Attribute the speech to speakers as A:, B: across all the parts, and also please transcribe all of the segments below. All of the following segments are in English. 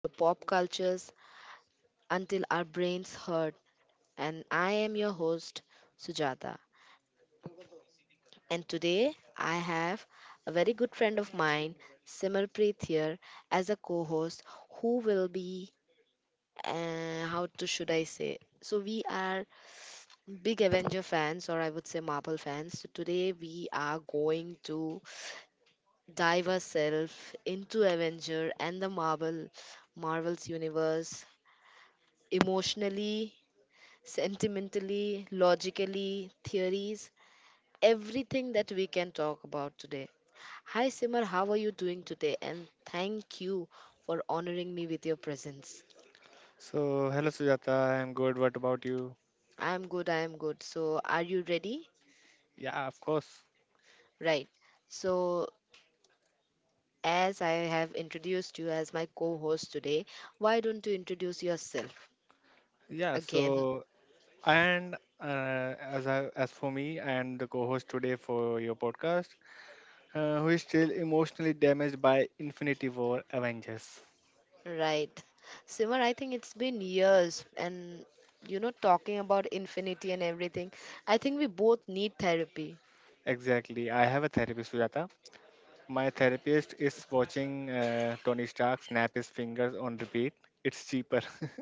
A: the pop cultures until our brains hurt. And I am your host, Sujata. And today I have a very good friend of mine, Simarpreet, here as a co host who will be, how to should I say, so we are big Avenger fans, or I would say Marvel fans. So today we are going to dive ourselves into Avenger and the Marvel's universe emotionally, sentimentally, logically, theories, everything that we can talk about today. Hi Simar, how are you doing today? And thank you for honoring me with your presence.
B: So, hello Sujata, I'm good. What about you?
A: I am good, I am good. So, are you ready?
B: Yeah, of course.
A: Right. So, as I have introduced you as my co host today, why don't you introduce yourself
B: Yeah,
A: again?
B: so and as I, as for me, and the co-host today for your podcast, who is still emotionally damaged by Infinity War Avengers.
A: Right. Simar, I think it's been years and talking about infinity and everything. I think we both need therapy.
B: Exactly. I have a therapist, Sujata. My therapist is watching Tony Stark snap his fingers on repeat. It's cheaper.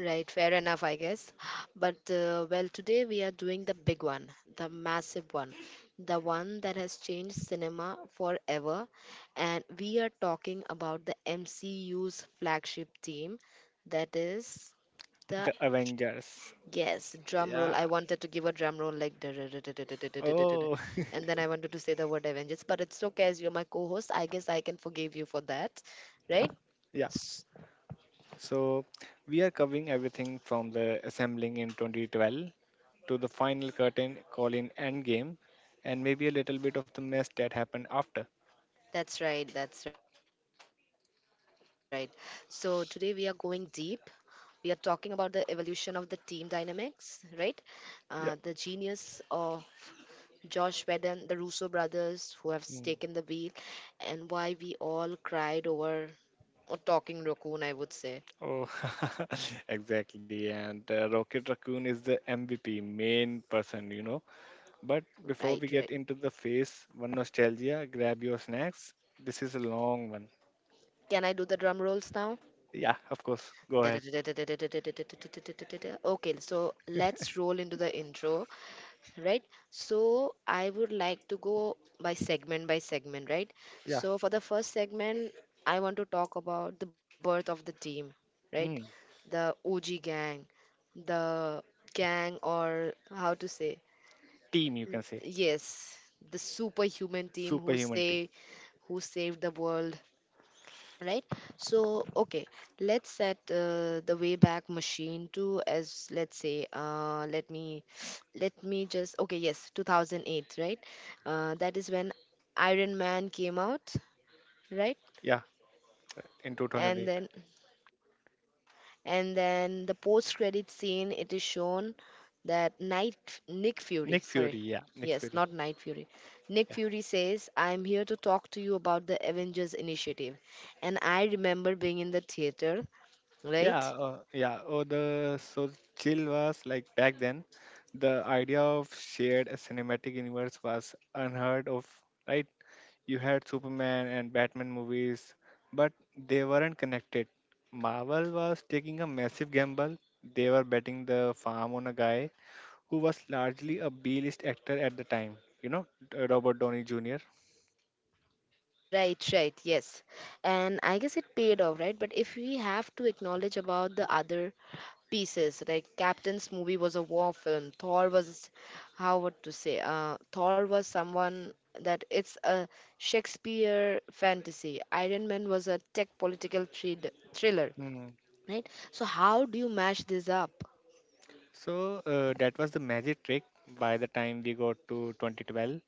A: Right, fair enough, I guess. But well, today we are doing the big one, the massive one, the one that has changed cinema forever. And we are talking about the MCU's flagship team, that is the
B: The Avengers.
A: Yes, drum roll.
B: Yeah.
A: I wanted to give a drum roll like da- da- da- da- da- da- da- da- da- da- da- da.
B: Oh,
A: And then I wanted to say the word Avengers, but it's okay as you're my co-host. I guess I can forgive you for that,
B: yeah.
A: right?
B: Yeah.
A: S-
B: So, we are covering everything from the assembling in 2012 to the final curtain call in Endgame and maybe a little bit of the mess that happened after.
A: That's right, that's right. So today we are going deep. We are talking about the evolution of the team dynamics, right? The
B: Yeah.
A: genius or Josh Whedon, the Russo brothers who have
B: Mm.
A: taken the wheel, and why we all cried over or talking raccoon, I would say.
B: Oh, exactly. And Rocket Raccoon is the MVP, main person, you know. But before
A: Right,
B: we
A: right.
B: get into the phase one nostalgia, grab your snacks. This is a long one.
A: Can I do the drum rolls now?
B: Yeah, of course. Go ahead.
A: Okay, so let's roll into the intro, right? So I would like to go by segment, right?
B: Yeah.
A: So for the first segment, I want to talk about the birth of the team, right?
B: Mm.
A: The OG gang, the gang, or how to say,
B: Team, you can say.
A: yes, the superhuman team who
B: Superhuman team.
A: say who saved the world, right? So okay, let's set the wayback machine to as let's say let me let me just okay yes, 2008, right. That is when Iron Man came out, right.
B: Yeah, in 2008.
A: And then the post credit scene, it is shown that night Nick Fury,
B: Nick Fury,
A: sorry,
B: yeah, Nick
A: yes,
B: Fury,
A: not Night Fury. Nick
B: yeah,
A: Fury says, "I'm here to talk to you about the Avengers Initiative." And I remember being in the theater,
B: yeah,
A: right.
B: uh, yeah. Oh, the so chill was like back then, the idea of shared a cinematic universe was unheard of, right? You had Superman and Batman movies, but they weren't connected. Marvel was taking a massive gamble. They were betting the farm on a guy who was largely a B-list actor at the time, Robert Downey Jr.
A: Right, right, yes. And I guess it paid off, right? But if we have to acknowledge about the other pieces, like Captain's movie was a war film, Thor was, how what to say, Thor was someone that it's a Shakespeare fantasy. Iron Man was a tech political thriller, right? So how do you mash this up?
B: So that was the magic trick. By the time we got to 2012,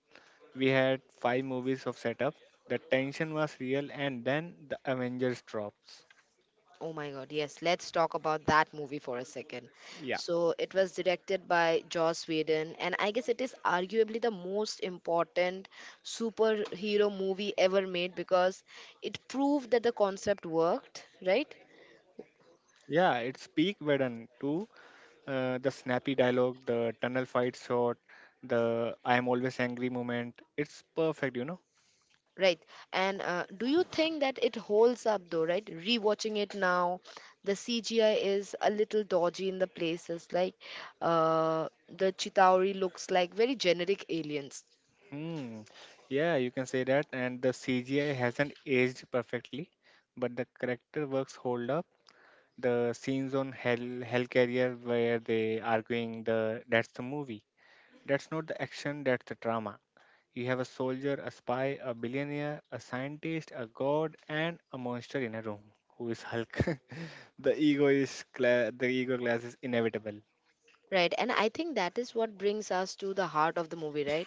B: we had five movies of setup. The tension was real, and then the Avengers drops.
A: Oh my God, yes. Let's talk about that movie for a second.
B: Yeah,
A: So, it was directed by Joss Whedon, and I guess it is arguably the most important superhero movie ever made because it proved that the concept worked, right?
B: yeah, it's peak Whedon too. The snappy dialogue, the tunnel fight shot, the "I am always angry" moment. It's perfect, you know.
A: Right. And do you think that it holds up though, right? Rewatching it now, the CGI is a little dodgy in the places. Like the Chitauri looks like very generic aliens.
B: Hmm. Yeah, you can say that. And the CGI hasn't aged perfectly, but the character works hold up the scenes on hell carrier where they arguing the that's the movie, that's not the action, that's the drama. You have a soldier, a spy, a billionaire, a scientist, a god and a monster in a room, who is Hulk. The ego is the ego class is inevitable.
A: Right, and I think that is what brings us to the heart of the movie, right?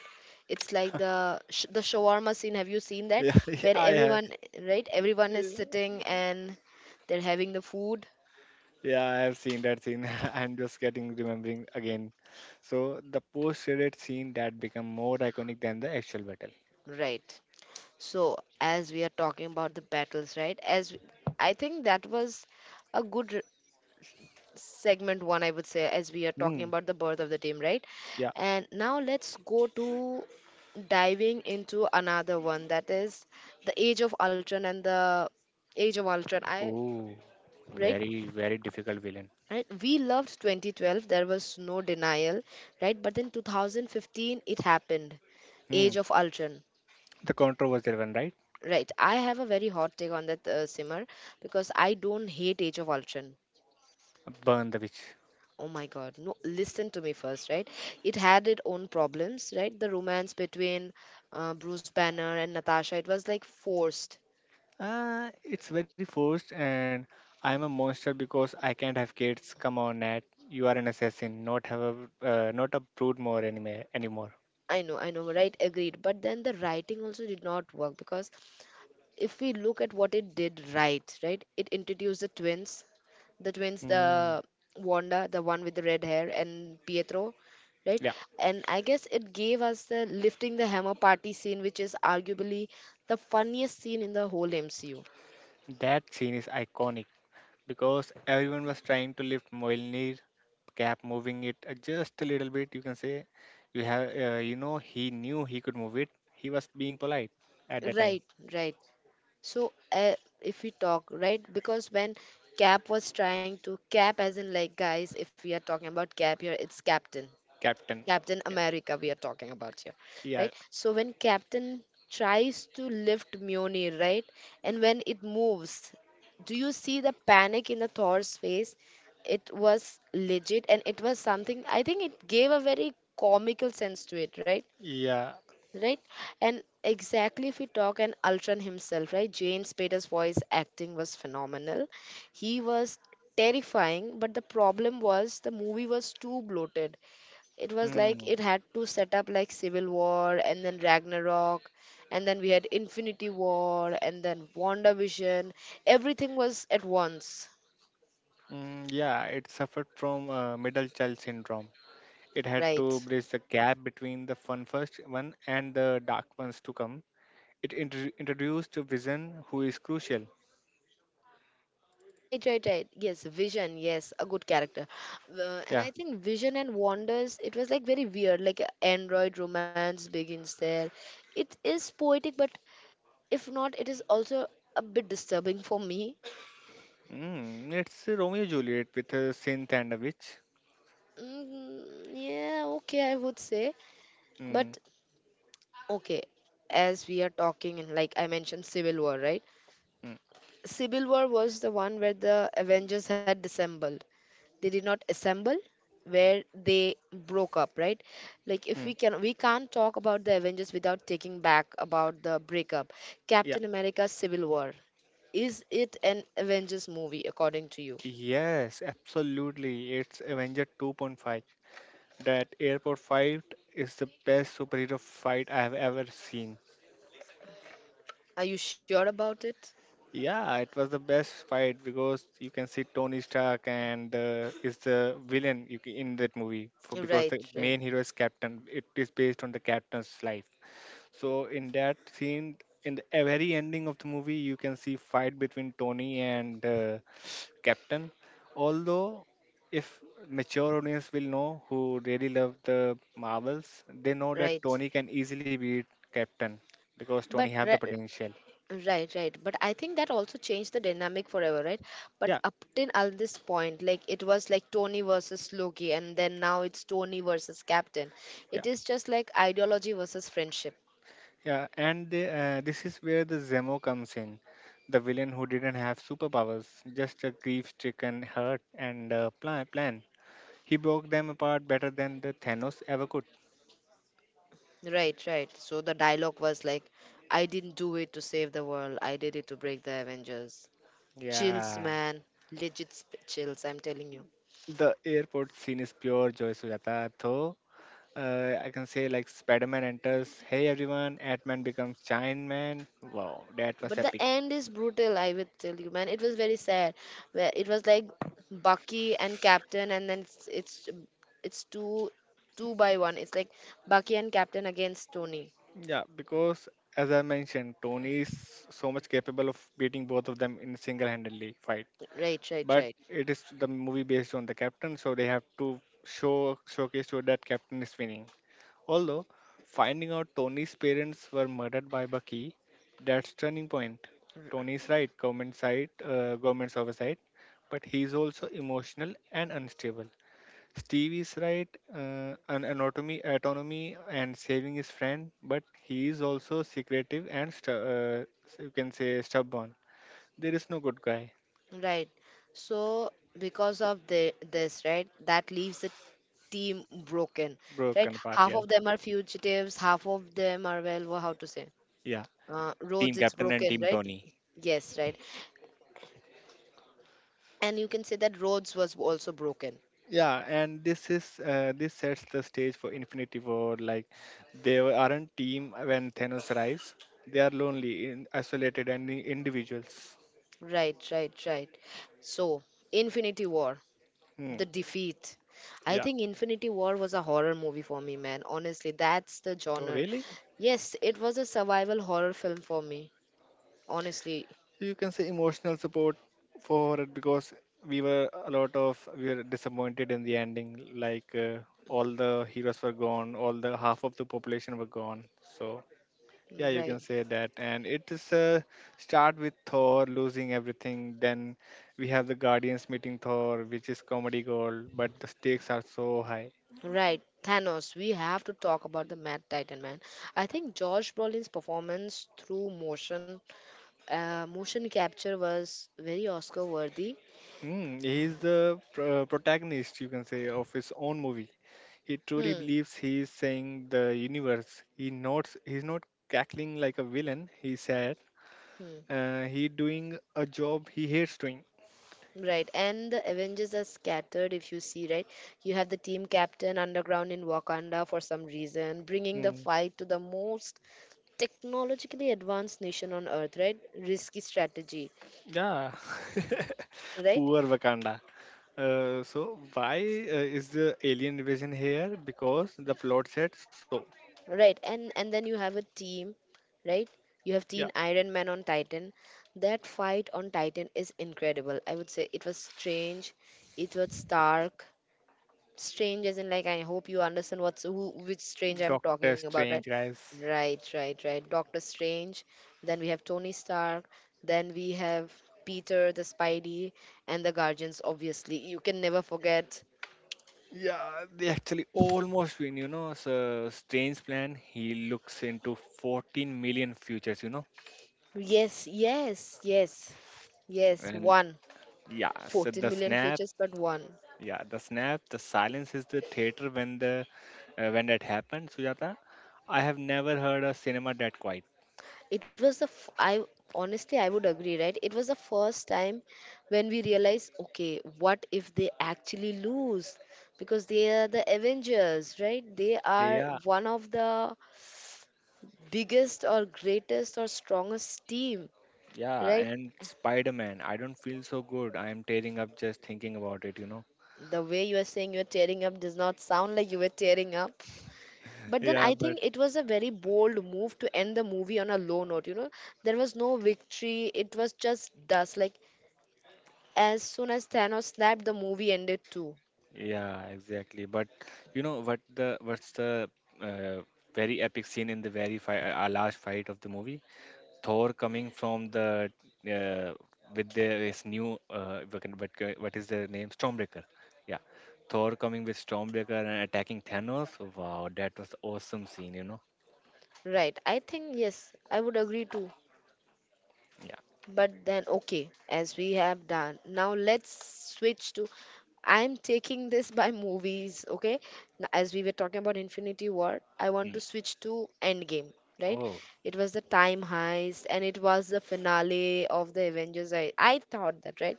A: It's like the the shawarma scene. Have you seen that?
B: Yeah,
A: Where
B: I have.
A: everyone, right? Everyone is sitting and they're having the food,
B: Yeah, I have seen that scene. I'm just getting remembering again. So the post credit scene that become more iconic than the actual battle.
A: right? So as we are talking about the battles, right? As I think that was a good segment one, I would say, as we are talking
B: Hmm.
A: about the birth of the team, right?
B: Yeah.
A: And now let's go to diving into another one that is the age of Ultron and the age of Ultron. I
B: Oh,
A: right,
B: very, very difficult villain.
A: right. We loved 2012. There was no denial, right? But then 2015, it happened.
B: Hmm.
A: Age of Ultron.
B: The controversial one, right?
A: Right, I have a very hot take on that, Simmer, because I don't hate Age of Ultron.
B: Burn the witch.
A: Oh my God. No, listen to me first, right? It had its own problems, right? The romance between Bruce Banner and Natasha, it was like forced.
B: It's very forced, and I'm a monster because I can't have kids. Come on, Nat. You are an assassin, not have a, not a brood more anime anymore.
A: I know, right? Agreed. But then the writing also did not work because if we look at what it did right, right? It introduced the twins, the twins,
B: Hmm.
A: the Wanda, the one with the red hair, and Pietro, right?
B: Yeah,
A: And I guess it gave us the lifting the hammer party scene, which is arguably the funniest scene in the whole MCU.
B: that scene is iconic because everyone was trying to lift Mjolnir, cap moving it just a little bit. You can say, you have, he knew he could move it. He was being polite at the time.
A: Right, right. So if we talk right, because when Cap was trying to Cap, as in like guys, if we are talking about Cap here, it's Captain,
B: Captain.
A: Captain
B: Yeah,
A: America we are talking about here, right?
B: yeah,
A: So when Captain tries to lift Mjolnir, right, and when it moves, do you see the panic in the Thor's face? It was legit, and it was something. I think it gave a very comical sense to it, right?
B: yeah.
A: Right? And exactly if we talk and Ultron himself, right? Jane Spader's voice acting was phenomenal. He was terrifying, but the problem was the movie was too bloated. It was like it
B: Mm,
A: had to set up like Civil War and then Ragnarok and then we had Infinity War and then WandaVision. Everything was at once,
B: yeah, it suffered from middle child syndrome. It had to
A: right?
B: bridge the gap between the fun first one and the dark ones to come. It introduced Vision, who is crucial.
A: Right, right, right. Yes, Vision. Yes, a good character. And
B: Yeah,
A: I think Vision and Wanders, it was like very weird. Like a Android romance begins there. It is poetic, but if not, it is also a bit disturbing for me.
B: mm, it's a Romeo and Juliet with a synth and a witch.
A: Mm, yeah, okay, I would say.
B: Mm,
A: But okay, as we are talking, and like I mentioned, Civil War, right?
B: mm,
A: Civil War was the one where the Avengers had dissembled. They did not assemble where they broke up, right. Like if
B: mm.
A: we can, we can't talk about the Avengers without taking back about the breakup.
B: Yeah,
A: Captain America Civil War, is it an Avengers movie according to you?
B: yes, absolutely. It's Avenger 2.5. That airport fight is the best superhero fight I have ever seen.
A: Are you sure about it?
B: Yeah, it was the best fight because you can see Tony Stark and is the villain. In that movie, for because the
A: Right,
B: main
A: right,
B: hero is Captain. It is based on the Captain's life. So in that scene, very ending of the movie, you can see fight between Tony and Captain. Although if mature audience will know who really love the Marvels, they know that
A: right.
B: Tony can easily beat Captain because
A: but
B: Tony have
A: re-
B: the potential.
A: Right, right. But I think that also changed the dynamic forever, right? But
B: Yeah,
A: up till at this point, like it was like Tony versus Loki, and then now it's Tony versus Captain.
B: yeah.
A: It is just like ideology versus friendship.
B: Yeah, this is where the Zemo comes in, the villain who didn't have superpowers, just a grief-stricken hurt and a plan. He broke them apart better than the Thanos ever could.
A: Right, right. So the dialogue was like, "I didn't do it to save the world, I did it to break the Avengers." Chills,
B: Yeah,
A: man. Legit chills, I'm telling you.
B: the airport scene is pure joy, Sujata. Though I can say like Spider-Man enters, hey everyone, Ant-Man becomes Giant Man. Wow, that was
A: But the
B: epic.
A: end is brutal, I would tell you, man. It was very sad. Where it was like Bucky and Captain, and then it's two by one. It's like Bucky and Captain against Tony.
B: Yeah, because as I mentioned, Tony is so much capable of beating both of them in a single-handedly fight.
A: Right, right,
B: But
A: right,
B: it is the movie based on the captain, so they have to show showcase to that captain is winning. Although, finding out Tony's parents were murdered by Bucky, that's turning point. Tony's right, government side, government's oversight, but he's also emotional and unstable. Stevie's right, an anatomy autonomy and saving his friend, but he is also secretive and you can say stubborn. There is no good guy.
A: right. So because of the this, right, that leaves the team broken. Right,
B: Broken apart,
A: half
B: yeah.
A: of them are fugitives, half of them are well,
B: Yeah, Team
A: Rhodes. It's
B: Captain and
A: broken,
B: Team
A: right?
B: Tony.
A: Yes, right. And you can say that Rhodes was also broken.
B: Yeah, and this is this sets the stage for Infinity War. Like, they aren't team when Thanos arrives. They are lonely, in, isolated, and individuals.
A: Right, right, right. So, Infinity War,
B: Hmm.
A: The Defeat. I
B: Yeah.
A: think Infinity War was a horror movie for me, man. Honestly, that's the
B: Oh,
A: genre.
B: really?
A: Yes, it was a survival horror film for me. Honestly,
B: You can say emotional support for it because we were a lot of we were disappointed in the ending. Like all the heroes were gone, all the half of the population were gone. So yeah, you can
A: right,
B: say that. And it is a start with Thor losing everything. Then we have the Guardians meeting Thor, which is comedy gold, but the stakes are so high.
A: right. Thanos, we have to talk about the Mad Titan, man. I think Josh Brolin's performance through motion capture was very Oscar worthy.
B: Mm, protagonist, you can say, of his own movie. He truly
A: Hmm.
B: believes he is saying the universe. He notes, he's not cackling like a villain. He said,
A: Hmm.
B: he doing a job he hates doing.
A: Right, and the Avengers are scattered if you see, right? You have the team captain underground in Wakanda for some reason, bringing the
B: Mm,
A: fight to the most technologically advanced nation on earth, right? Risky strategy,
B: yeah.
A: right?
B: Poor Wakanda. So why is the alien invasion here? Because the plot said so.
A: Right, and then you have a team, right? You have
B: Yeah,
A: Teen Iron Man on Titan. That fight on Titan is incredible. I would say it was strange, it was stark, strange as in like I hope you understand what's who, which strange I'm talking
B: Doctor
A: about, right?
B: Strange, guys.
A: Right, right, right, Doctor Strange. Then we have Tony Stark, then we have Peter the Spidey, and the Guardians, obviously you can never forget.
B: Yeah, they actually almost win. You know, so Strange plan. He looks into 14 million futures. You know,
A: Yes, yes, yes, yes,
B: and
A: one,
B: yeah, so
A: 14
B: the
A: million
B: snap.
A: features but one.
B: Yeah, the snap. The silence is the theater when the when that happened. Sujata, I have never heard a cinema that quiet.
A: It was the f- I honestly I would agree, right, it was the first time when we realized, okay, what if they actually lose, because they are the Avengers, right? They are
B: Yeah,
A: one of the biggest or greatest or strongest team,
B: yeah,
A: right?
B: and Spider-Man. I don't feel so good. I am tearing up just thinking about it, you know.
A: The way you are saying you're tearing up does not sound like you were tearing up. But then
B: Yeah,
A: I
B: but
A: think it was a very bold move to end the movie on a low note, you know. There was no victory, it was just dust, like as soon as Thanos snapped, the movie ended too.
B: yeah, exactly. But you know what the what's the uh, very epic scene in the very fight, last fight of the movie? Thor coming from the uh, with the, his new what is their name? Stormbreaker. Yeah, Thor coming with Stormbreaker and attacking Thanos. Wow, that was awesome scene. You know.
A: Right, I think yes, I would agree too.
B: Yeah.
A: But then, okay, as we have done, now let's switch to, I'm taking this by movies, okay? As we were talking about Infinity War, I want
B: Mm.
A: to switch to Endgame, right?
B: Oh.
A: It was the time heist and it was the finale of the Avengers. I thought that, right?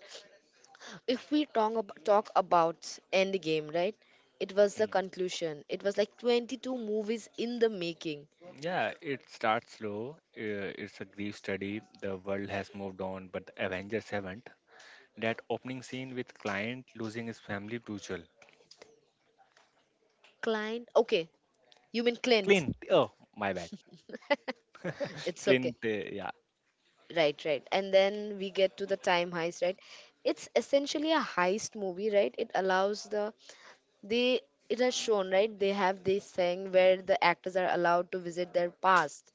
A: If we talk about Endgame, right? It was the
B: Mm.
A: conclusion. It was like 22 movies in the making.
B: Yeah, it starts slow. It's a grief study. The world has moved on, but the Avengers haven't. That opening scene with client losing his family, brutal.
A: Client, okay, you mean Clint.
B: Clint, oh my bad.
A: It's okay.
B: Clint, yeah.
A: Right, right. And then we get to the time heist, right? It's essentially a heist movie, right? They it has shown, right? They have this thing where the actors are allowed to visit their past.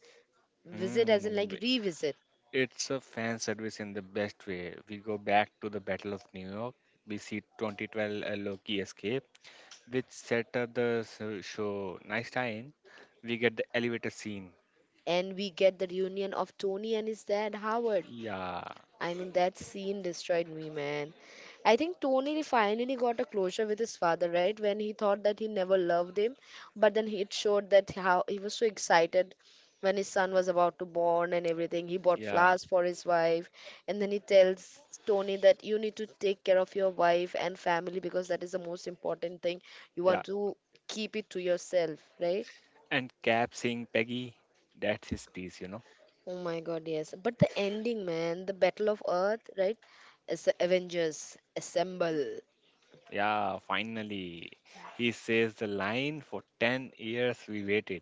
A: Visit as
B: Hmm,
A: in like revisit.
B: it's a fan service in the best way. We go back to the Battle of New York. We see 2012 Loki escape, which set up the show. Nice time. We get the elevator scene.
A: And we get the reunion of Tony and his dad Howard.
B: Yeah,
A: I mean that scene destroyed me, man. I think Tony finally got a closure with his father, right? When he thought that he never loved him, but then it showed that how he was so excited when his son was about to born and everything. He bought
B: yeah,
A: flowers for his wife, and then he tells Tony that you need to take care of your wife and family because that is the most important thing. You
B: yeah.
A: want to keep it to yourself, right?
B: And Cap seeing Peggy, that's his piece, you know.
A: Oh my God, yes. But the ending, man, the Battle of Earth, right? As Avengers assemble.
B: Yeah, finally. He says the line for 10 years we waited.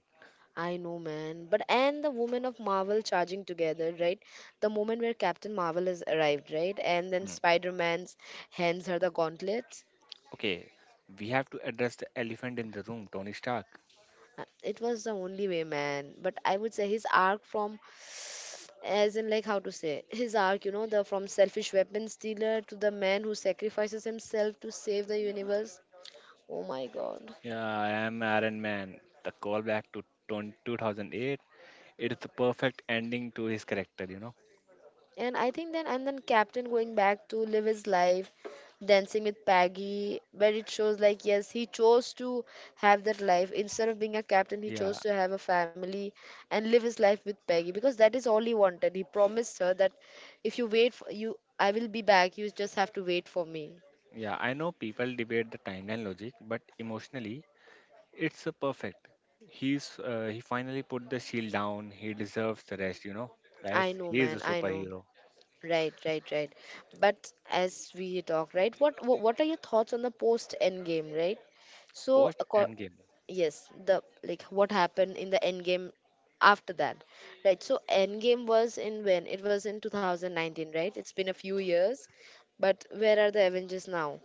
A: I know, man. But and the women of Marvel charging together, right? The moment where Captain Marvel has arrived, right? And then
B: Mm.
A: Spider Man's hands are the gauntlets.
B: Okay, we have to address the elephant in the room, Tony Stark.
A: It was the only way, man. But I would say his arc from, as in, like, how to say, his arc, you know, the from selfish weapon stealer to the man who sacrifices himself to save the universe. Oh my god.
B: Yeah, I am Iron Man. The callback to 20 2008, it is the perfect ending to his character, you know.
A: And then Captain going back to live his life, dancing with Peggy, where it shows like, yes, he chose to have that life. Instead of being a captain, he
B: Yeah,
A: chose to have a family and live his life with Peggy because that is all he wanted. He promised her that if you wait for you, I will be back. You just have to wait for me.
B: yeah, I know people debate the timeline logic, but emotionally, it's a perfect. He's he finally put the shield down. He deserves the rest, you know.
A: I
B: Guys,
A: know,
B: he is a
A: man. I know.
B: superhero.
A: Right, right, right. But as we talk, right, what are your thoughts on the post end game, right? So,
B: Post Endgame.
A: yes, the like what happened in the end game after that, right? So end game was in 2019, right? It's been a few years, but where are the Avengers now?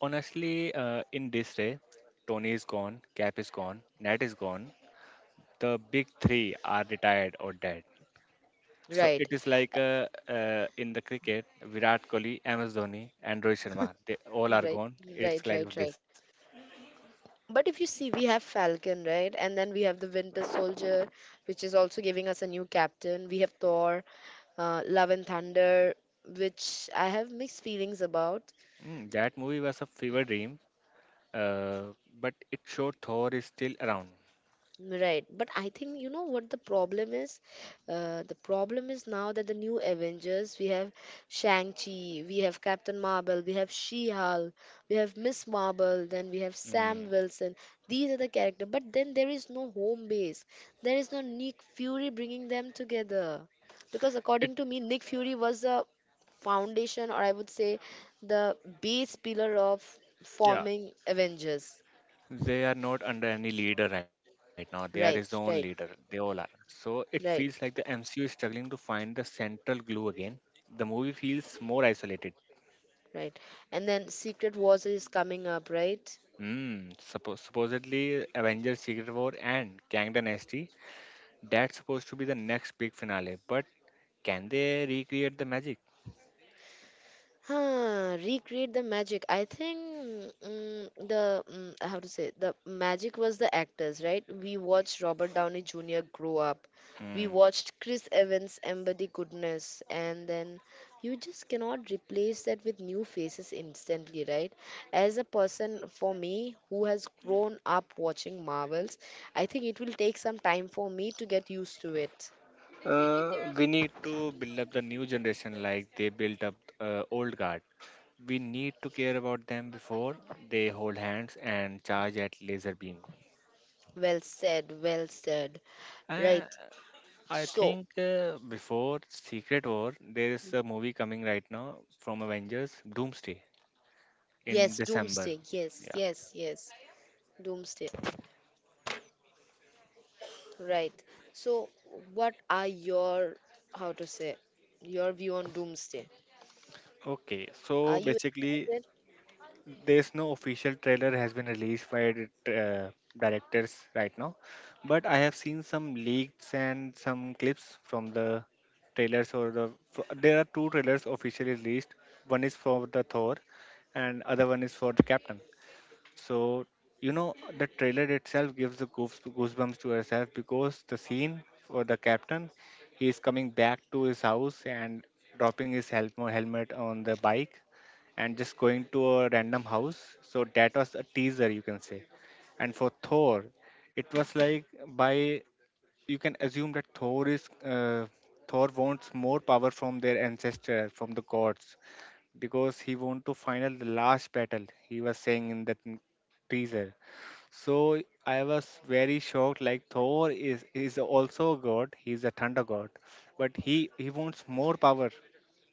B: Honestly, in this way, Tony is gone, Cap is gone, Nat is gone, the big three are retired or dead. So
A: Right,
B: it is like, in the cricket, Virat Kohli, MS Dhoni, and Rohit Sharma. They all are
A: right
B: gone. It's
A: right
B: like
A: right right
B: this.
A: But if you see, we have Falcon, right? And then we have the Winter Soldier, which is also giving us a new captain. We have Thor, Love and Thunder, which I have mixed feelings about.
B: Mm, that movie was a fever dream, uh, but it showed Thor is still around.
A: Right, but I think you know what the problem is. The problem is now that the new Avengers we have Shang Chi, we have Captain Marvel, we have She Hulk, we have Miss Marvel, then we have
B: Mm,
A: Sam Wilson. These are the characters, but then there is no home base. There is no Nick Fury bringing them together, because
B: it
A: according to me, Nick Fury was the foundation, or I would say, the base pillar of
B: yeah.
A: forming Avengers.
B: They are not under any leader right now. They are his own
A: Right,
B: leader. They
A: right,
B: all are. So it feels like the
A: right.
B: MCU is struggling to find the central glue again. The movie feels more isolated.
A: Right. And then Secret Wars is coming up, right?
B: Hmm. Supposedly Avengers Secret War and Kang Dynasty. That's supposed to be the next big finale. But can they recreate the magic?
A: Huh, recreate the magic. I think mm, the mm, how to say the magic was the actors, right? We watched Robert Downey Jr. grow up. We
B: Hmm.
A: watched Chris Evans embody goodness, and then you just cannot replace that with new faces instantly, right? As a person for me who has grown up watching Marvels, I think it will take some time for me to get used to it.
B: We need to build up the new generation like they built up old guard. We need to care about them before they hold hands and charge at laser beam.
A: Well said, well said.
B: Uh,
A: Right.
B: I
A: So,
B: think uh, before Secret War, there is a movie coming right now from Avengers, Doomsday in
A: yes,
B: December.
A: doomsday. Yes,
B: Yeah.
A: yes, yes. Doomsday. Right. So, what are your, how to say, your view on doomsday?
B: Okay, so
A: Are you
B: basically,
A: excited?
B: there's no official trailer has been released by the directors right now, but I have seen some leaks and some clips from the trailers There are two trailers officially released. One is for the Thor, and other one is for the Captain. So you know the trailer itself gives the goosebumps to yourself because the scene for the Captain, he is coming back to his house and dropping his helmet on the bike and just going to a random house. So that was a teaser, you can say. And for Thor, it was like by you can assume that Thor is Thor wants more power from their ancestor, from the gods, because he want to final the last battle. He was saying in that teaser. So I was very shocked. Like Thor is also a god. He's a thunder god, but he wants more power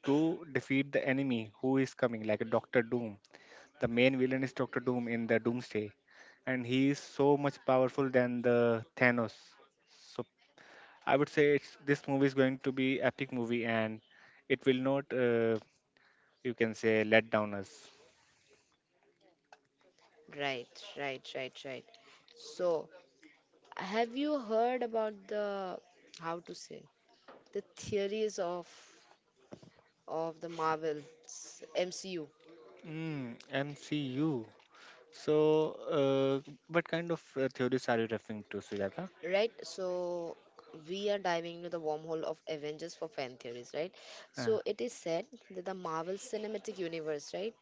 B: to defeat the enemy who is coming, like a Doctor Doom, the main villain is Doctor Doom in the Doomsday, and he is so much powerful than the Thanos. So I would say this movie is going to be epic movie, and it will not, you can say, let down us.
A: Right, right, right, right. So, have you heard about the, how to say, the theories of the Marvels MCU?
B: Mm, MCU. So, what kind of theories are you referring to, Sujata?
A: Right, so we are diving into the wormhole of Avengers for fan theories, right?
B: Uh,
A: So it is said that the Marvel Cinematic Universe, right?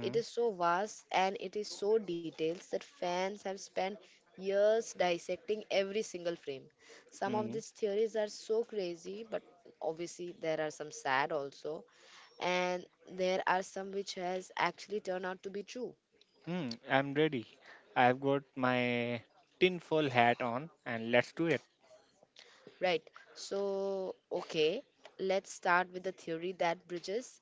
A: It is so vast and it is so detailed that fans have spent years dissecting every single frame. Some of
B: hmm,
A: these theories are so crazy, but obviously there are some sad also, and there are some which has actually turned out to be true.
B: I'm ready. I've got my tinfoil hat on, and let's do it.
A: Right. So, okay, let's start with the theory that bridges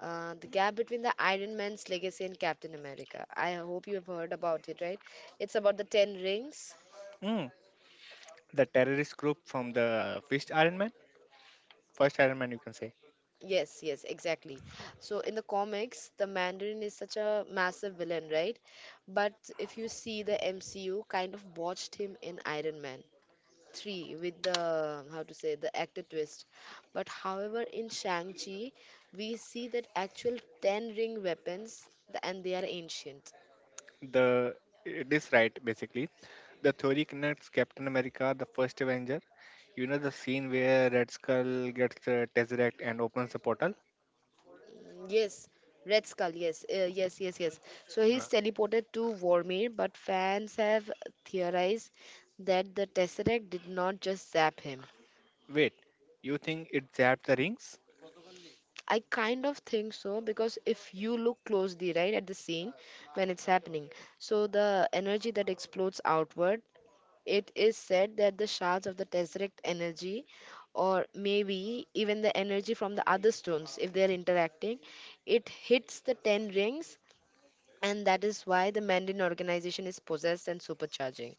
A: the gap between the Iron Man's legacy and Captain America. I hope you have heard about it, right? It's about the Ten Rings.
B: Mm, the terrorist group from the first Iron Man. First Iron Man, you can say.
A: Yes, yes, exactly. So in the comics, the Mandarin is such a massive villain, right? But if you see the MCU, kind of botched him in Iron Man 3 with the how to say the actor twist. But however, in Shang-Chi, we see that actual Ten Ring weapons, and they are ancient.
B: The It is right basically. The theory connects Captain America, the first Avenger. You know the scene where Red Skull gets the Tesseract and opens the portal.
A: Yes, Red Skull. Yes, yes, yes, yes. So
B: Uh,
A: he's teleported to Vormir, but fans have theorized that the Tesseract did not just zap him.
B: Wait, you think it zapped the rings?
A: I kind of think so because if you look closely, right, at the scene when it's happening, so the energy that explodes outward, it is said that the shards of the Tesseract energy, or maybe even the energy from the other stones, if they're interacting, it hits the ten rings and that is why the Mandarin organization is possessed and supercharging.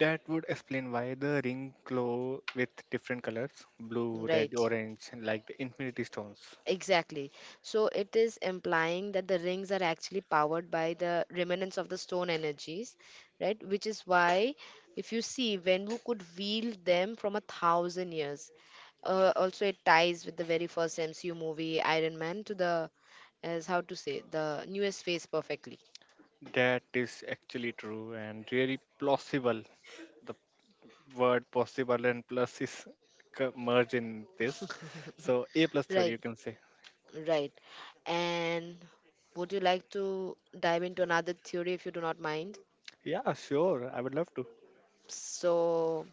B: That would explain why the ring glow with different colors, blue, red,
A: Right,
B: orange, like the Infinity Stones.
A: exactly. So it is implying that the rings are actually powered by the remnants of the stone energies, right? Which is why, if you see, Wenwu could wield them from a thousand years. Also, it ties with the very first MCU movie, Iron Man, to the, as how to say, the newest phase perfectly.
B: That is actually true and really plausible. The word possible and plus is merged in this. So A plus theory, you
A: Right,
B: can say.
A: right. And would you like to dive into another theory if you do not mind?
B: Yeah, sure. I would love to.
A: So,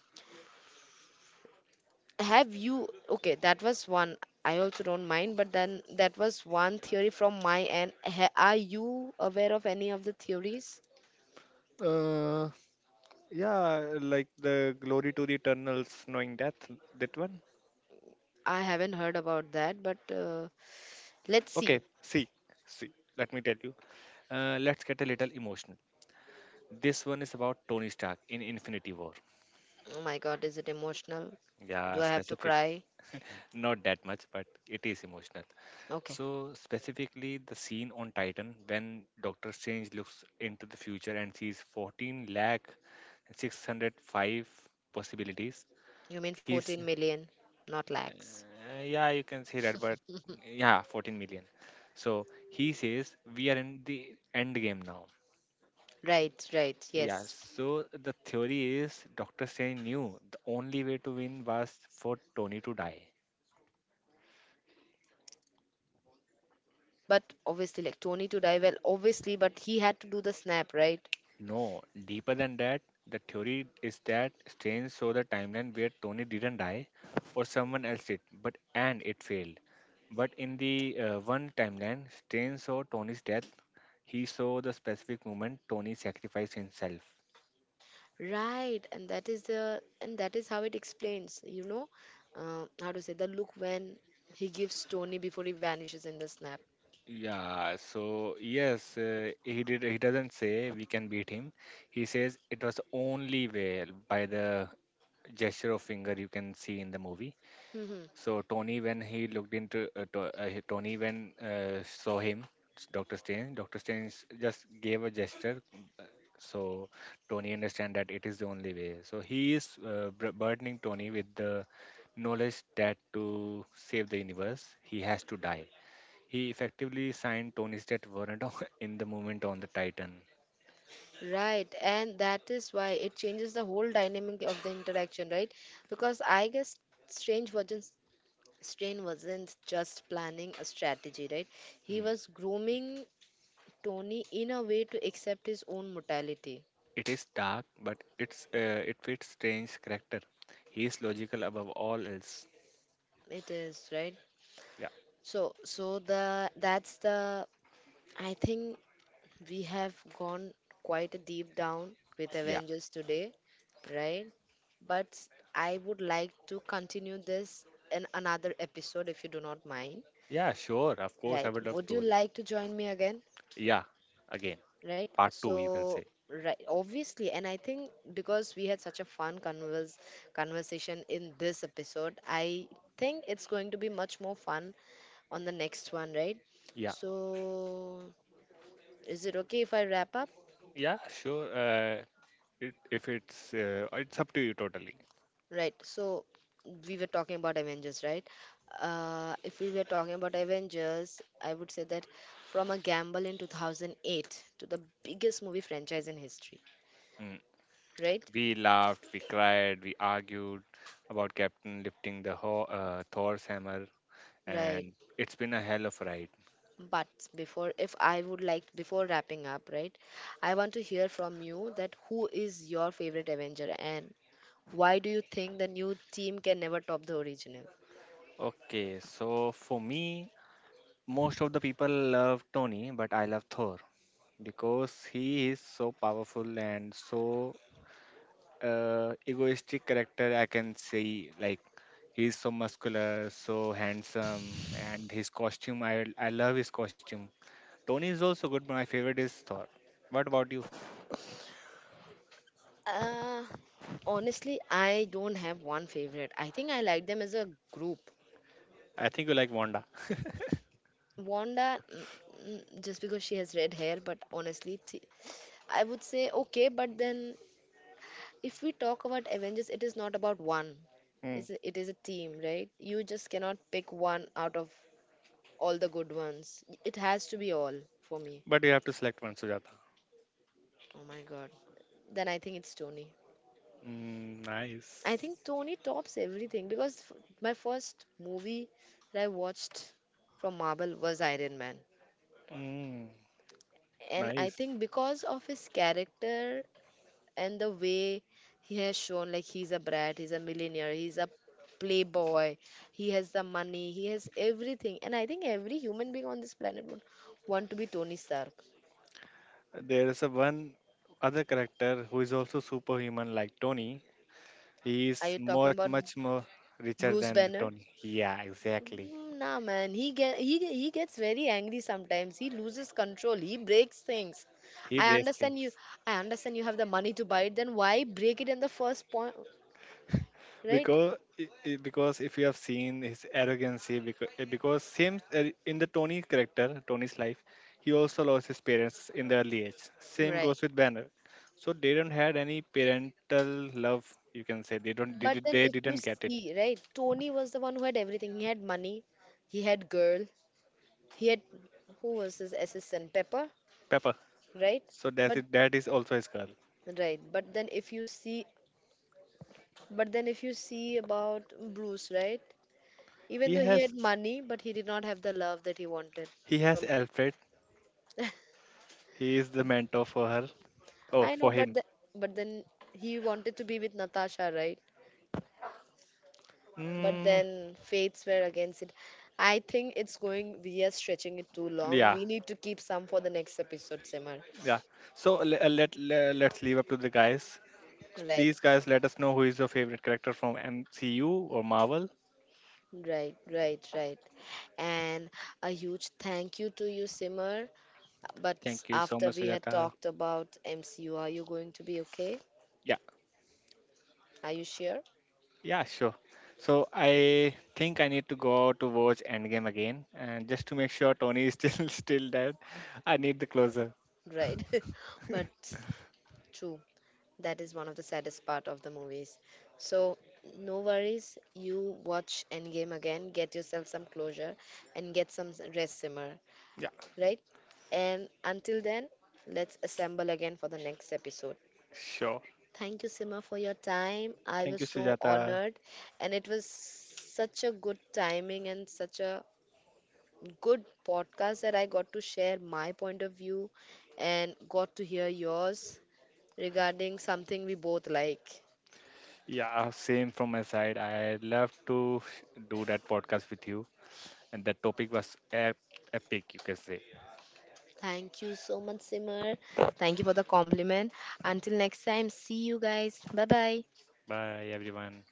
A: have you? Okay, that was one. I also don't mind, but then that was one theory from my end. Ha, are you aware of any of the theories?
B: Uh, yeah, like the glory to the eternals, knowing death. That one.
A: I haven't heard about that, but let's see.
B: Okay. See. Let me tell you. Let's get a little emotional. This one is about Tony Stark in Infinity War.
A: Oh my God, is it emotional? Do
B: Yeah,
A: I have to
B: specific.
A: cry?
B: Not that much, but it is emotional.
A: Okay,
B: So, specifically, the scene on Titan when Doctor Strange looks into the future and sees 14 lakh 605 possibilities.
A: you mean
B: He's,
A: 14 million, not lakhs.
B: yeah, you can say that, but yeah, 14 million. So, he says, we are in the end game now.
A: Right, right,
B: Yeah,
A: yes.
B: so the theory is Doctor Strange knew the only way to win was for Tony to die.
A: But obviously, like Tony to die, well, obviously, but he had to do the snap, right?
B: No, deeper than that, the theory is that Strange saw the timeline where Tony didn't die or someone else did, but and it failed. But in the one timeline, Strange saw Tony's death. He saw the specific moment Tony sacrificed himself.
A: Right, and that is how it explains, you know, how to say the look when he gives Tony before he vanishes in the snap.
B: Yeah, so yes, he did. He doesn't say we can beat him. He says it was the only way by the gesture of finger you can see in the movie.
A: Mhm.
B: So Tony, when he looked Tony, when saw him, Doctor Doctor Strange just gave a gesture. So Tony understand that it is the only way. So he is burdening Tony with the knowledge that to save the universe, he has to die. He effectively signed Tony's death warrant in the moment on the Titan.
A: Right, and that is why it changes the whole dynamic of the interaction, right? Because I guess Strange wasn't Strange wasn't just planning a strategy, right? He
B: Mm.
A: was grooming Tony in a way to accept his own mortality.
B: It is dark, but it fits Strange's character. He is logical above all else.
A: It is, right?
B: Yeah.
A: So, so the that's the I think we have gone quite deep down with Avengers today, right? But I would like to continue this in another episode if you do not mind,
B: Yeah, sure. Of course, I
A: right?
B: would love
A: Would you
B: to.
A: like to join me again,
B: Yeah, again,
A: right?
B: part two, you can say.
A: So, right, obviously, and I think because we had such a conversation in this episode, I think it's going to be much more fun on the next one, right?
B: Yeah,
A: So, is it okay if I wrap up?
B: yeah, sure. If it's up to you totally.
A: Right. So we were talking about Avengers, right? If we were talking about Avengers, I would say that from a gamble in 2008 to the biggest movie franchise in history,
B: Mm.
A: right?
B: We laughed, we cried, we argued about Captain lifting the Thor's hammer,
A: Right.
B: and it's been a hell of a ride.
A: But before, if I would like, before wrapping up, right, I want to hear from you that who is your favorite Avenger and why do you think the new team can never top the original?
B: Okay, so for me, most of the people love Tony, but I love Thor because he is so powerful and so egoistic character I can say. Like he's so muscular, so handsome, and his costume, I love his costume. Tony is also good, but my favorite is Thor. What about you?
A: Uh, honestly, I don't have one favorite. I think I like them as a group.
B: I think you like Wanda,
A: Wanda, mm, mm, just because she has red hair, but honestly, I would say okay. But then, if we talk about Avengers, it is not about one.
B: mm.
A: It is a team, right? You just cannot pick one out of all the good ones. It has to be all for me.
B: But you have to select one, Sujata.
A: Oh my god. Then I think it's Tony.
B: Mm,
A: I think
B: nice.
A: Tony tops everything because my first movie that I watched from Marvel was Iron Man.
B: Mm.
A: And I
B: Nice.
A: think because of his character and the way he has shown, like, he's a brat, he's a millionaire, he's a playboy, he has the money, he has everything, and I think every human being on this planet would want to be Tony Stark.
B: There is a one other character who is also superhuman like Tony. He
A: Are
B: is
A: you
B: much
A: talking about
B: much more richer
A: Bruce
B: than the
A: Banner?
B: Tony. Yeah, exactly.
A: Mm, nah, man, he gets very angry sometimes, he loses control, he breaks things.
B: He
A: i
B: breaks
A: understand you
B: things.
A: I understand you have the money to buy it, then why break it in the first point, right?
B: Because because if you have seen his arrogancy, because same in the Tony character, Tony's life, he also lost his parents in the early age. Same
A: Right.
B: goes with Banner. So they don't had any parental love, you can say. They don't
A: But then
B: they
A: if you
B: didn't get it.
A: see, right, Tony was the one who had everything. He had money, he had girl, he had, who was his assistant? Pepper,
B: Pepper,
A: right?
B: so that's
A: But
B: it. That is also his girl.
A: right, but then if you see but then if you see about Bruce, right? Even
B: he
A: though he had
B: has
A: money, but he did not have the love that he wanted
B: he has
A: from,
B: Alfred, he is the mentor for her. Oh,
A: I know,
B: for
A: but
B: him.
A: the, but then he wanted to be with Natasha, right? But
B: Mm,
A: then fates were against it. I think it's going, we are stretching it too long.
B: yeah.
A: We need to keep some for the next episode, Simar.
B: Yeah, so let's leave up to the guys.
A: Right,
B: Please, guys, let us know who is your favorite character from MCU or Marvel.
A: right, right, right. And a huge thank you to you, Simmer. But
B: Thank you so
A: after
B: much,
A: we had
B: Sujata.
A: talked about MCU, are you going to be okay?
B: Yeah,
A: Are you sure?
B: yeah, sure. So I think I need to go out to watch Endgame again, and just to make sure Tony is still still dead, I need the closer.
A: Right. But true, that is one of the saddest part of the movies. So no worries. You watch Endgame again, get yourself some closure, and get some rest, Simmer.
B: Yeah,
A: Right. And until then, let's assemble again for the next episode.
B: sure.
A: Thank you, Sima, for your time. I
B: Thank
A: was
B: you,
A: so
B: Sujata.
A: honored, and it was such a good timing and such a good podcast that I got to share my point of view and got to hear yours regarding something we both like.
B: Yeah, same from my side. I love to do that podcast with you, and that topic was epic, you can say.
A: Thank you so much, Simmer. Thank you for the compliment. Until next time, see you guys. Bye bye.
B: Bye, everyone.